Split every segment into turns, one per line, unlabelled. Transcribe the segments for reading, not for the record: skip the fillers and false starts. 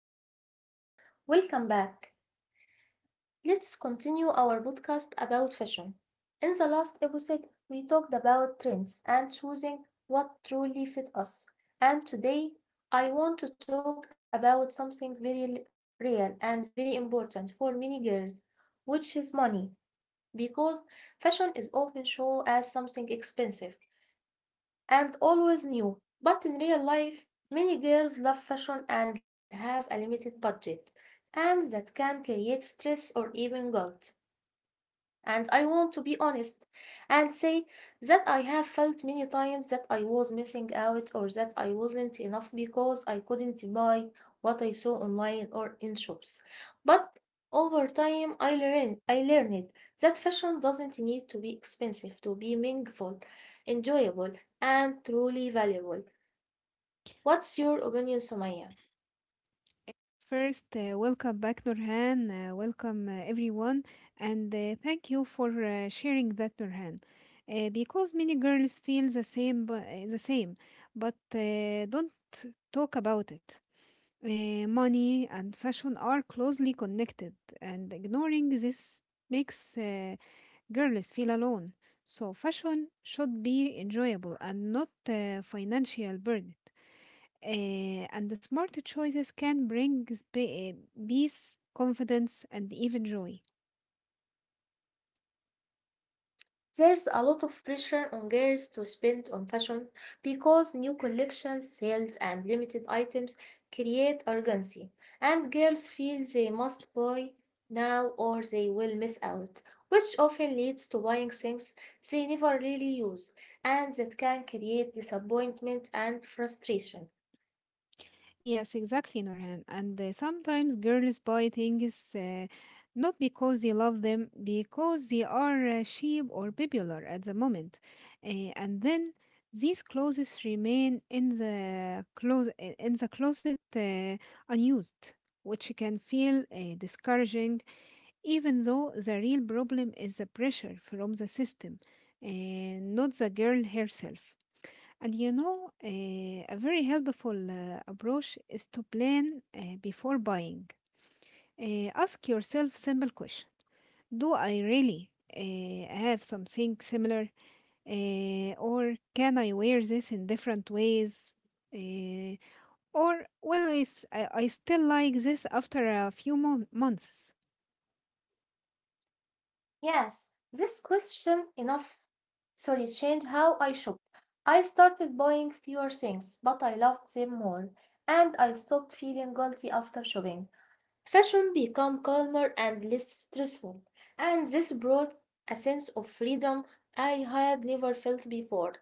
Hello everyone, welcome back. Let's continue our podcast about fashion. In the last episode, we talked about trends and choosing what truly fit us. And today, I want to talk about something very real and very important for many girls, which is money, because fashion is often shown as something expensive, and always new. But in real life, many girls love fashion and have a limited budget, and that can create stress or even guilt. And I want to be honest and say that I have felt many times that I was missing out or that I wasn't enough because I couldn't buy what I saw online or in shops. But over time, I learned that fashion doesn't need to be expensive to be meaningful, enjoyable, and truly valuable. What's your opinion, Sumaya?
First, welcome back, Nurhan. Welcome everyone, and thank you for sharing that, Nurhan. Because many girls feel the same, the same, but don't talk about it. Money and fashion are closely connected, and ignoring this makes girls feel alone. So, fashion should be enjoyable and not financial burden. And the smart choices can bring peace, confidence, and even joy.
There's a lot of pressure on girls to spend on fashion because new collections, sales, and limited items create urgency, and girls feel they must buy now or they will miss out, which often leads to buying things they never really use, and that can create disappointment and frustration.
Yes, exactly, Norhan. And sometimes girls buy things not because they love them, because they are cheap or popular at the moment. And then these clothes remain in the closet unused, which can feel discouraging even though the real problem is the pressure from the system and not the girl herself. And you know, a very helpful approach is to plan before buying. Ask yourself simple question. Do I really have something similar? Or can I wear this in different ways? Eh, or will I still like this after a few months?
Yes, this question enough, sorry, changed how I shop. I started buying fewer things, but I loved them more, and I stopped feeling guilty after shopping. Fashion became calmer and less stressful, and this brought a sense of freedom I had never felt before.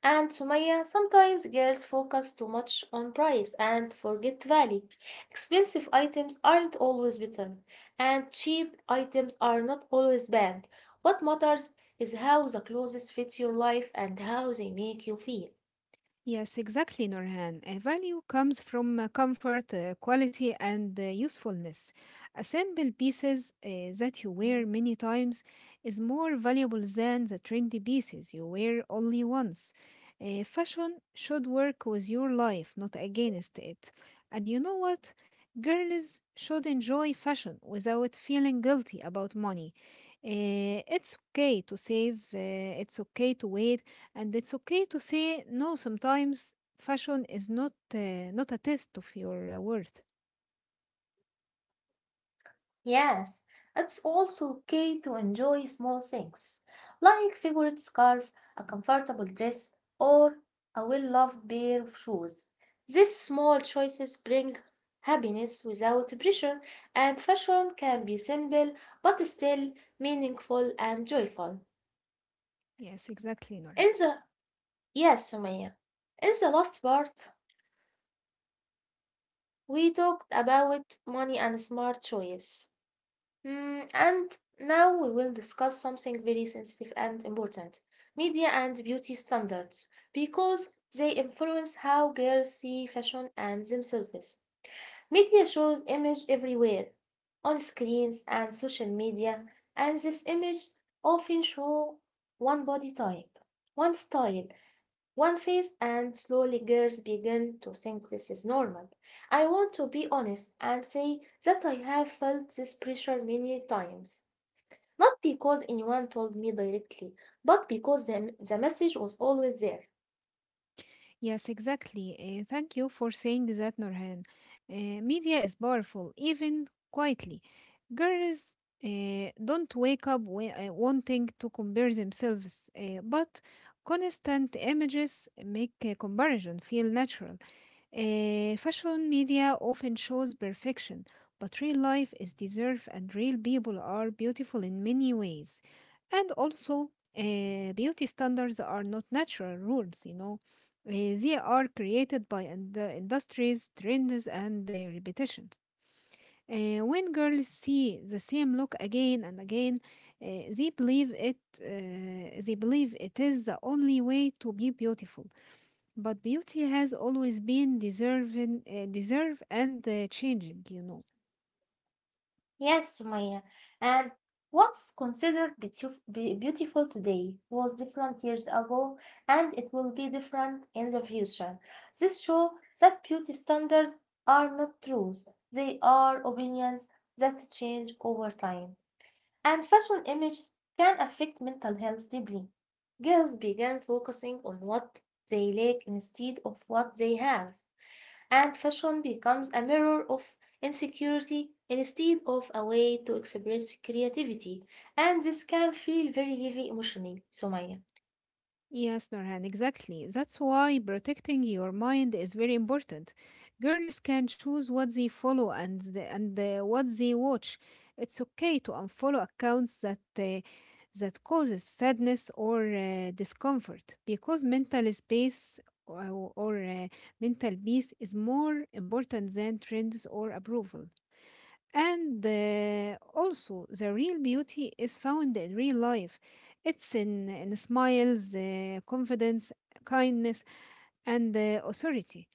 And Sumaya, sometimes girls focus too much on price and forget value. Expensive items aren't always better, and cheap items are not always bad. What matters is how the clothes fit your life and how they make you feel.
Yes, exactly, Nurhan. A value comes from comfort, quality, and usefulness. A simple pieces that you wear many times is more valuable than the trendy pieces you wear only once. Fashion should work with your life, not against it. And you know what? Girls should enjoy fashion without feeling guilty about money. It's okay to save, it's okay to wait and it's okay to say no sometimes. Fashion is not a test of your worth.
Yes, it's also okay to enjoy small things, like favorite scarf, a comfortable dress, or a well-loved pair of shoes. These small choices bring happiness without pressure, and fashion can be simple but still meaningful and joyful.
Yes, exactly, Nora.
In the, yes, Sumaya. In the last part, we talked about money and smart choice. And now we will discuss something very sensitive and important, media and beauty standards, because they influence how girls see fashion and themselves. Media shows image everywhere, on screens and social media, and these images often show one body type, one style, one face, and slowly girls begin to think this is normal. I want to be honest and say that I have felt this pressure many times. Not because anyone told me directly, but because the message was always there.
Yes, exactly. Thank you for saying that, Nurhan. Media is powerful, even quietly. Girls don't wake up wanting to compare themselves, but constant images make comparison feel natural. Fashion media often shows perfection, but real life is deserved, and real people are beautiful in many ways. And also, beauty standards are not natural rules, you know They are created by industries, trends, and repetitions. When girls see the same look again and again, uh, they believe it. They believe it is the only way to be beautiful. But beauty has always been deserve and changing. You know.
Yes, Sumaya. And what's considered beautiful today was different years ago, and it will be different in the future. This shows that beauty standards are not truths, they are opinions that change over time. And fashion images can affect mental health deeply. Girls began focusing on what they lack instead of what they have, and fashion becomes a mirror of insecurity instead of a way to express creativity. And this can feel very heavy emotionally, Somaya.
Yes, Norhan, exactly. That's why protecting your mind is very important. Girls can choose what they follow and what they watch. It's okay to unfollow accounts that causes sadness or discomfort because mental space or mental peace is more important than trends or approval. And also, the real beauty is found in real life. It's in smiles, confidence, kindness, and authority.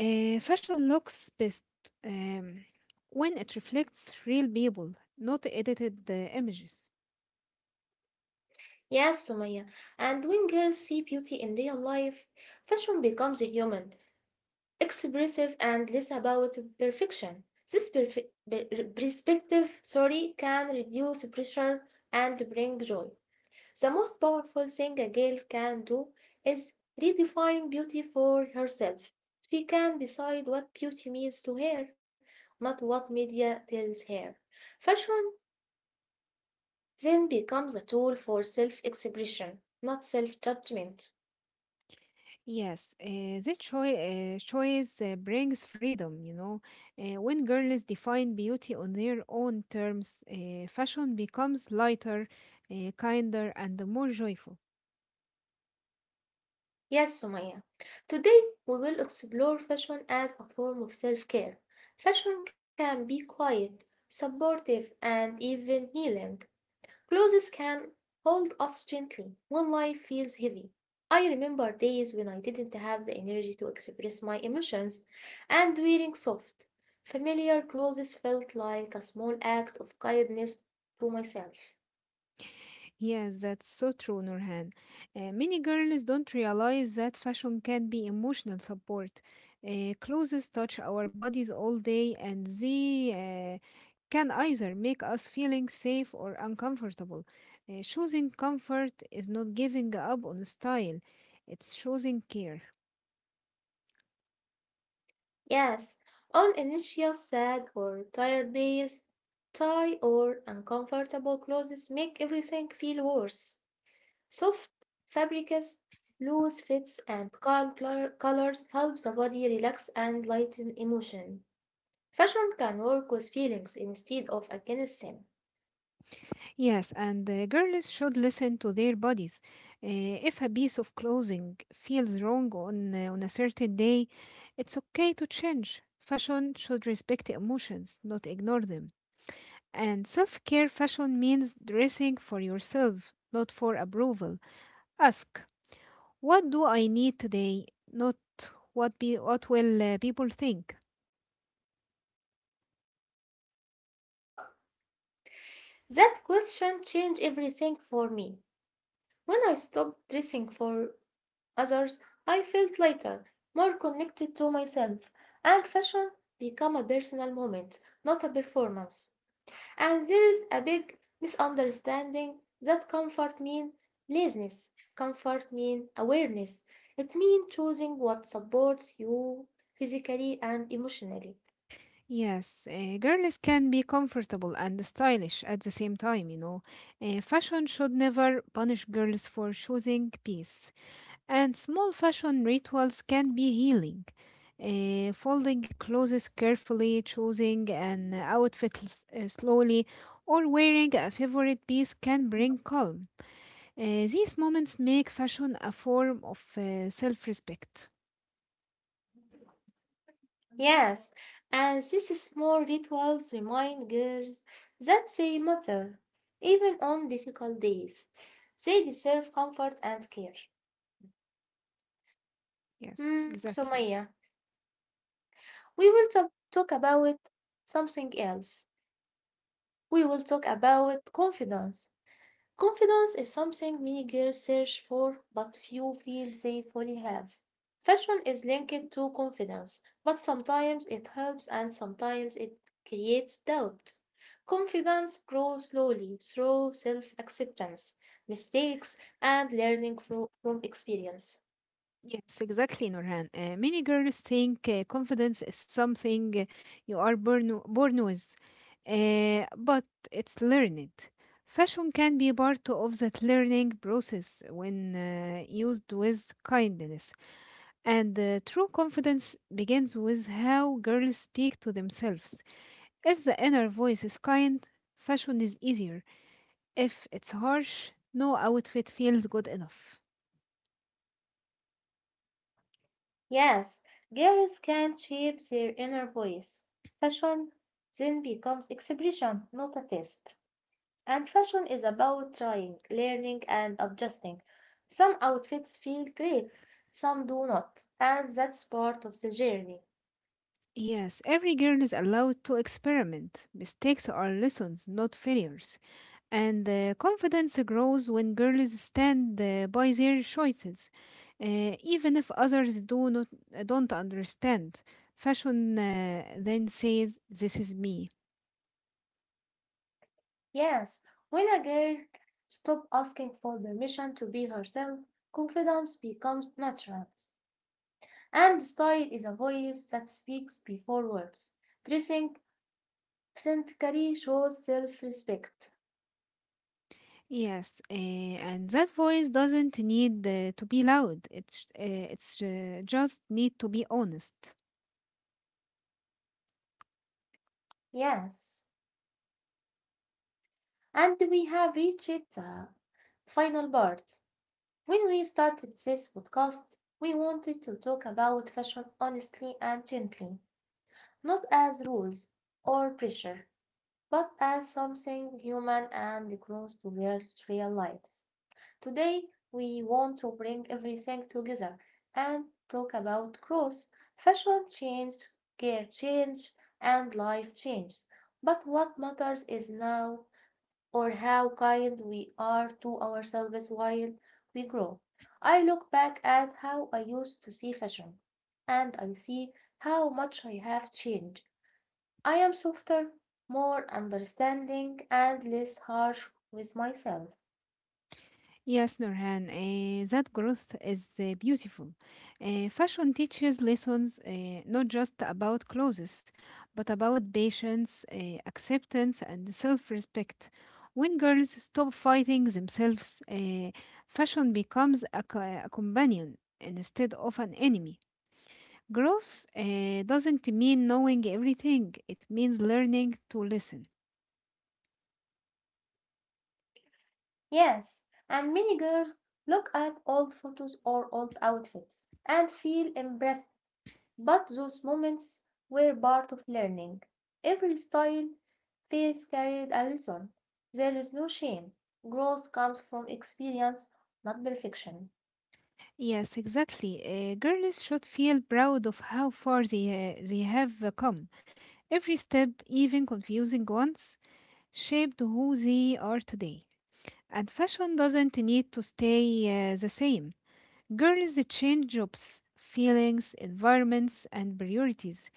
Fashion looks best um, when it reflects real people, not edited images.
Yes, Somaya. And when girls see beauty in real life, fashion becomes human, expressive, and less about perfection. This perspective, sorry, can reduce pressure and bring joy. The most powerful thing a girl can do is redefine beauty for herself. She can decide what beauty means to her, not what media tells her. Fashion then becomes a tool for self expression, not self judgment.
Yes, this choice brings freedom, you know. When girls define beauty on their own terms, fashion becomes lighter, kinder, and more joyful.
Yes, Sumaya. Today we will explore fashion as a form of self care. Fashion can be quiet, supportive, and even healing. Clothes can hold us gently when life feels heavy. I remember days when I didn't have the energy to express my emotions, and wearing soft, familiar clothes felt like a small act of kindness to myself.
Yes, that's so true, Nurhan. Many girls don't realize that fashion can be emotional support. Clothes touch our bodies all day, and they can either make us feeling safe or uncomfortable. Choosing comfort is not giving up on style; it's choosing care.
Yes, on initial sad or tired days, tie or uncomfortable clothes make everything feel worse. Soft fabrics, loose fits, and calm colors help the body relax and lighten emotion. Fashion can work with feelings instead of against them.
Yes, and the girls should listen to their bodies. If a piece of clothing feels wrong on a certain day, it's okay to change. Fashion should respect emotions, not ignore them. And self care fashion means dressing for yourself, not for approval. Ask, what do I need today? Not what will people think.
That question changed everything for me. When I stopped dressing for others, I felt lighter, more connected to myself, and fashion became a personal moment, not a performance. And there is a big misunderstanding that comfort mean laziness. Comfort mean awareness. It means choosing what supports you physically and emotionally.
Yes, girls can be comfortable and stylish at the same time, you know. Fashion should never punish girls for choosing peace. And small fashion rituals can be healing. Folding clothes carefully, choosing an outfit slowly, or wearing a favorite piece can bring calm. These moments make fashion a form of self respect.
Yes, and these small rituals remind girls that they matter, even on difficult days. They deserve comfort and care.
Yes,
Hmm, so
exactly.
Maya, we will talk about something else. We will talk about confidence. Confidence is something many girls search for, but few feel they fully have. Fashion is linked to confidence, but sometimes it helps and sometimes it creates doubt. Confidence grows slowly through self acceptance, mistakes, and learning from experience.
Yes, exactly, Nurhan. Many girls think confidence is something you are born with, but it's learned. Fashion can be part of that learning process when used with kindness. And true confidence begins with how girls speak to themselves. If the inner voice is kind, fashion is easier. If it's harsh, no outfit feels good enough.
Yes, girls can shape their inner voice. Fashion then becomes expression, not a test. And fashion is about trying, learning, and adjusting. Some outfits feel great, some do not, and that's part of the journey.
Yes, every girl is allowed to experiment. Mistakes are lessons, not failures. And confidence grows when girls stand by their choices, even if others do not don't understand. Fashion then says, "This is me."
Yes, when a girl stops asking for permission to be herself, confidence becomes natural. And style is a voice that speaks before words. Dressing authentically shows self respect.
Yes, and that voice doesn't need to be loud. It sh- it's just need to be honest.
Yes, and we have reached the final part. When we started this podcast, we wanted to talk about fashion honestly and gently, not as rules or pressure, but as something human and close to their real lives. Today, we want to bring everything together and talk about growth, fashion change, care change, and life change. But what matters is now or how kind we are to ourselves while we grow. I look back at how I used to see fashion, and I see how much I have changed. I am softer, more understanding, and less harsh with myself.
Yes, Nurhan, that growth is beautiful. Fashion teaches lessons not just about clothes, but about patience, acceptance, and self respect. When girls stop fighting themselves, fashion becomes a companion instead of an enemy. Growth doesn't mean knowing everything, it means learning to listen.
Yes, and many girls look at old photos or old outfits and feel impressed. But those moments were part of learning. Every style phase carried a lesson. There is no shame. Growth comes from experience, not perfection.
Yes, exactly. Girls should feel proud of how far they have come. Every step, even confusing ones, shaped who they are today. And fashion doesn't need to stay the same. Girls change jobs, feelings, environments, and priorities.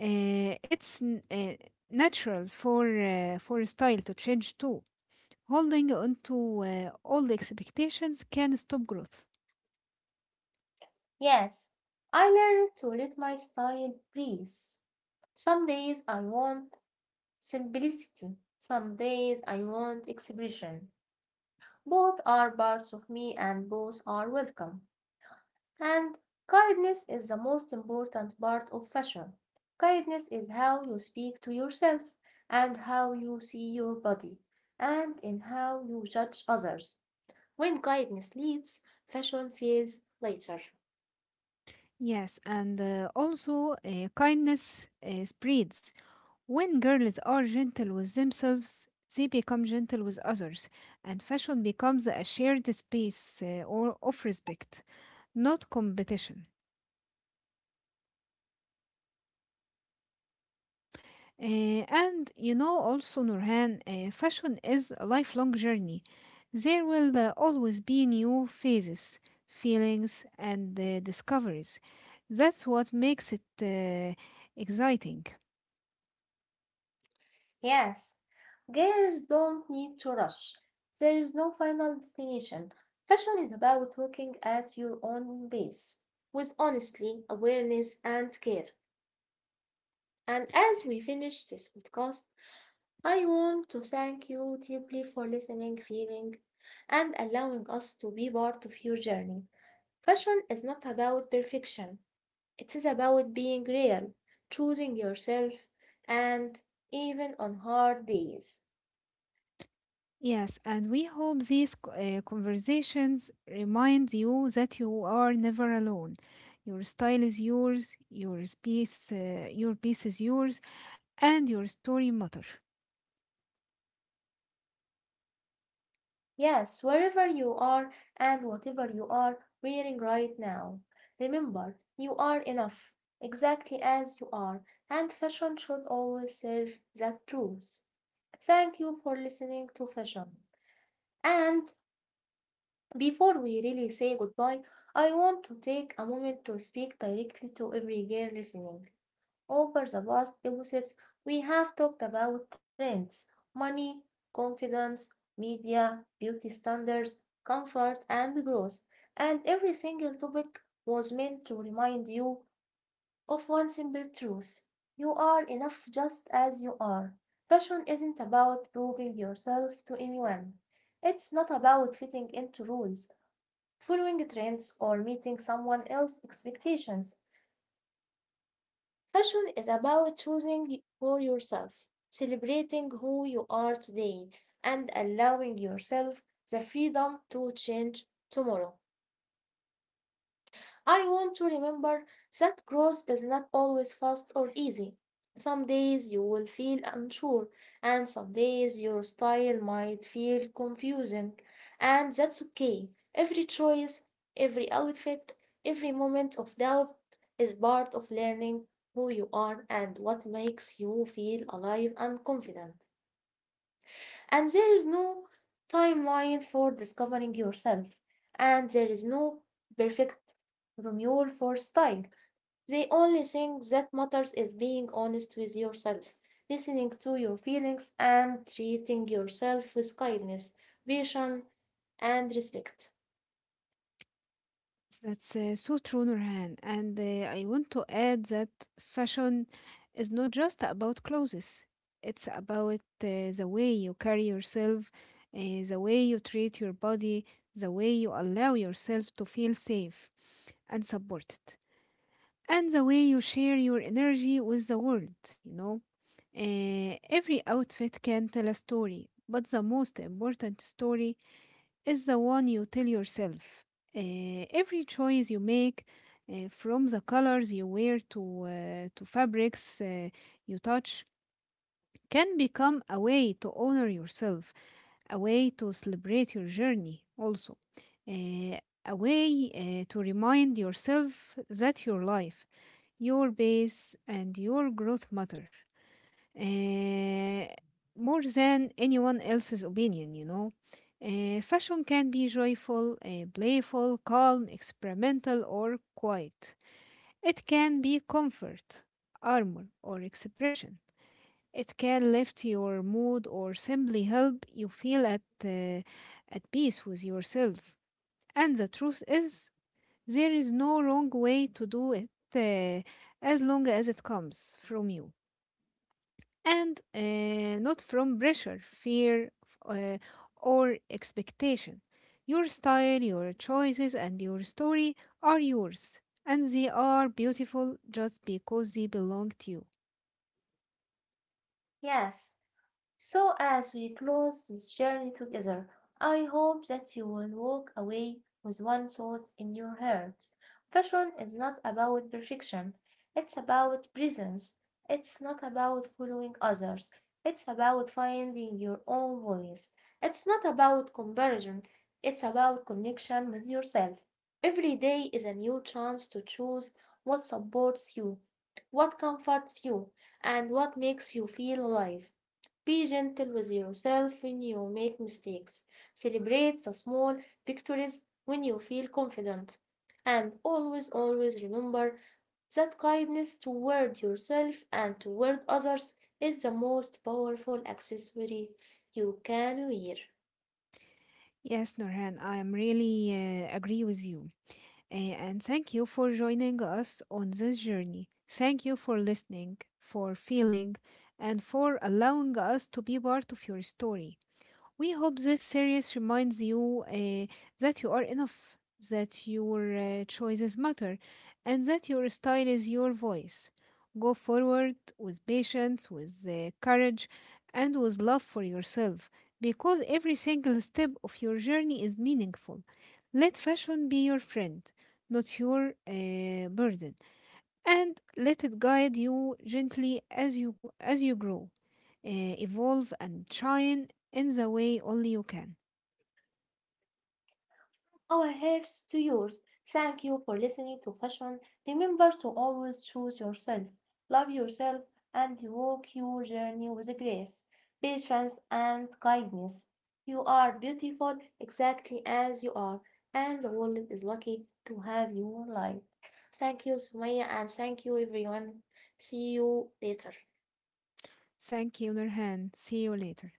It's natural for style to change too. Holding on to old expectations can stop growth.
Yes, I learned to let my style breathe. Some days I want simplicity, some days I want expression. Both are parts of me and both are welcome. And kindness is the most important part of fashion. Kindness is how you speak to yourself, and how you see your body, and in how you judge others. When kindness leads, fashion feels later.
Yes, and also kindness spreads. When girls are gentle with themselves, they become gentle with others, and fashion becomes a shared space or of respect, not competition. And you know, also, Nurhan, fashion is a lifelong journey. There will always be new phases, feelings, and discoveries. That's what makes it exciting.
Yes, girls don't need to rush. There is no final destination. Fashion is about walking at your own pace with honesty, awareness, and care. And as we finish this podcast, I want to thank you deeply for listening, feeling, and allowing us to be part of your journey. Fashion is not about perfection, it is about being real, choosing yourself, and even on hard days.
Yes, and we hope these conversations remind you that you are never alone. Your style is yours, your piece is yours, and your story matter.
Yes, wherever you are and whatever you are wearing right now, remember you are enough, exactly as you are, and fashion should always serve that truth. Thank you for listening to Fashion. And before we really say goodbye, I want to take a moment to speak directly to every girl listening. Over the past episodes, we have talked about trends, money, confidence, media, beauty standards, comfort, and growth. And every single topic was meant to remind you of one simple truth, you are enough just as you are. Fashion isn't about proving yourself to anyone. It's not about fitting into rules, following trends, or meeting someone else's expectations. Fashion is about choosing for yourself, celebrating who you are today, and allowing yourself the freedom to change tomorrow. I want to remember that growth is not always fast or easy. Some days you will feel unsure, and some days your style might feel confusing, and that's okay. Every choice, every outfit, every moment of doubt is part of learning who you are and what makes you feel alive and confident. And there is no timeline for discovering yourself. And there is no perfect Romeo for style. The only thing that matters is being honest with yourself, listening to your feelings, and treating yourself with kindness, patience, and respect.
That's so true, Nurhan. And I want to add that fashion is not just about clothes. It's about the way you carry yourself, uh, the way you treat your body, the way you allow yourself to feel safe and supported. And the way you share your energy with the world, you know. Every outfit can tell a story, but the most important story is the one you tell yourself. Every choice you make, from the colors you wear to fabrics you touch, can become a way to honor yourself, a way to celebrate your journey also, uh, a way to remind yourself that your life your base and your growth matter uh, more than anyone else's opinion, you know. Fashion can be joyful, playful, calm, experimental, or quiet. It can be comfort, armor, or expression. It can lift your mood or simply help you feel at peace with yourself. And the truth is, there is no wrong way to do it uh, as long as it comes from you and not from pressure, fear, uh, or expectation. Your style, your choices, and your story are yours, and they are beautiful just because they belong to you.
Yes. So, as we close this journey together, I hope that you will walk away with one thought in your heart. Fashion is not about perfection, it's about presence. It's not about following others, it's about finding your own voice. It's not about comparison, it's about connection with yourself. Every day is a new chance to choose what supports you, what comforts you, and what makes you feel alive. Be gentle with yourself when you make mistakes. Celebrate the small victories when you feel confident. And always, always remember that kindness toward yourself and toward others is the most powerful accessory you can wear.
Yes, Norhan, I am really agree with you. And thank you for joining us on this journey. Thank you for listening, for feeling, and for allowing us to be part of your story. We hope this series reminds you that you are enough, that your choices matter, and that your style is your voice. Go forward with patience, with courage, and with love for yourself, because every single step of your journey is meaningful. Let fashion be your friend, not your burden and let it guide you gently as you grow, evolve, and shine in the way only you can.
Our hearts to yours. Thank you for listening to Fashion. Remember to always choose yourself, love yourself, and walk your journey with grace, patience, and kindness. You are beautiful exactly as you are, and the world is lucky to have you alive. Thank you, Sumaya, and thank you, everyone. See you later.
Thank you, Nurhan. See you later.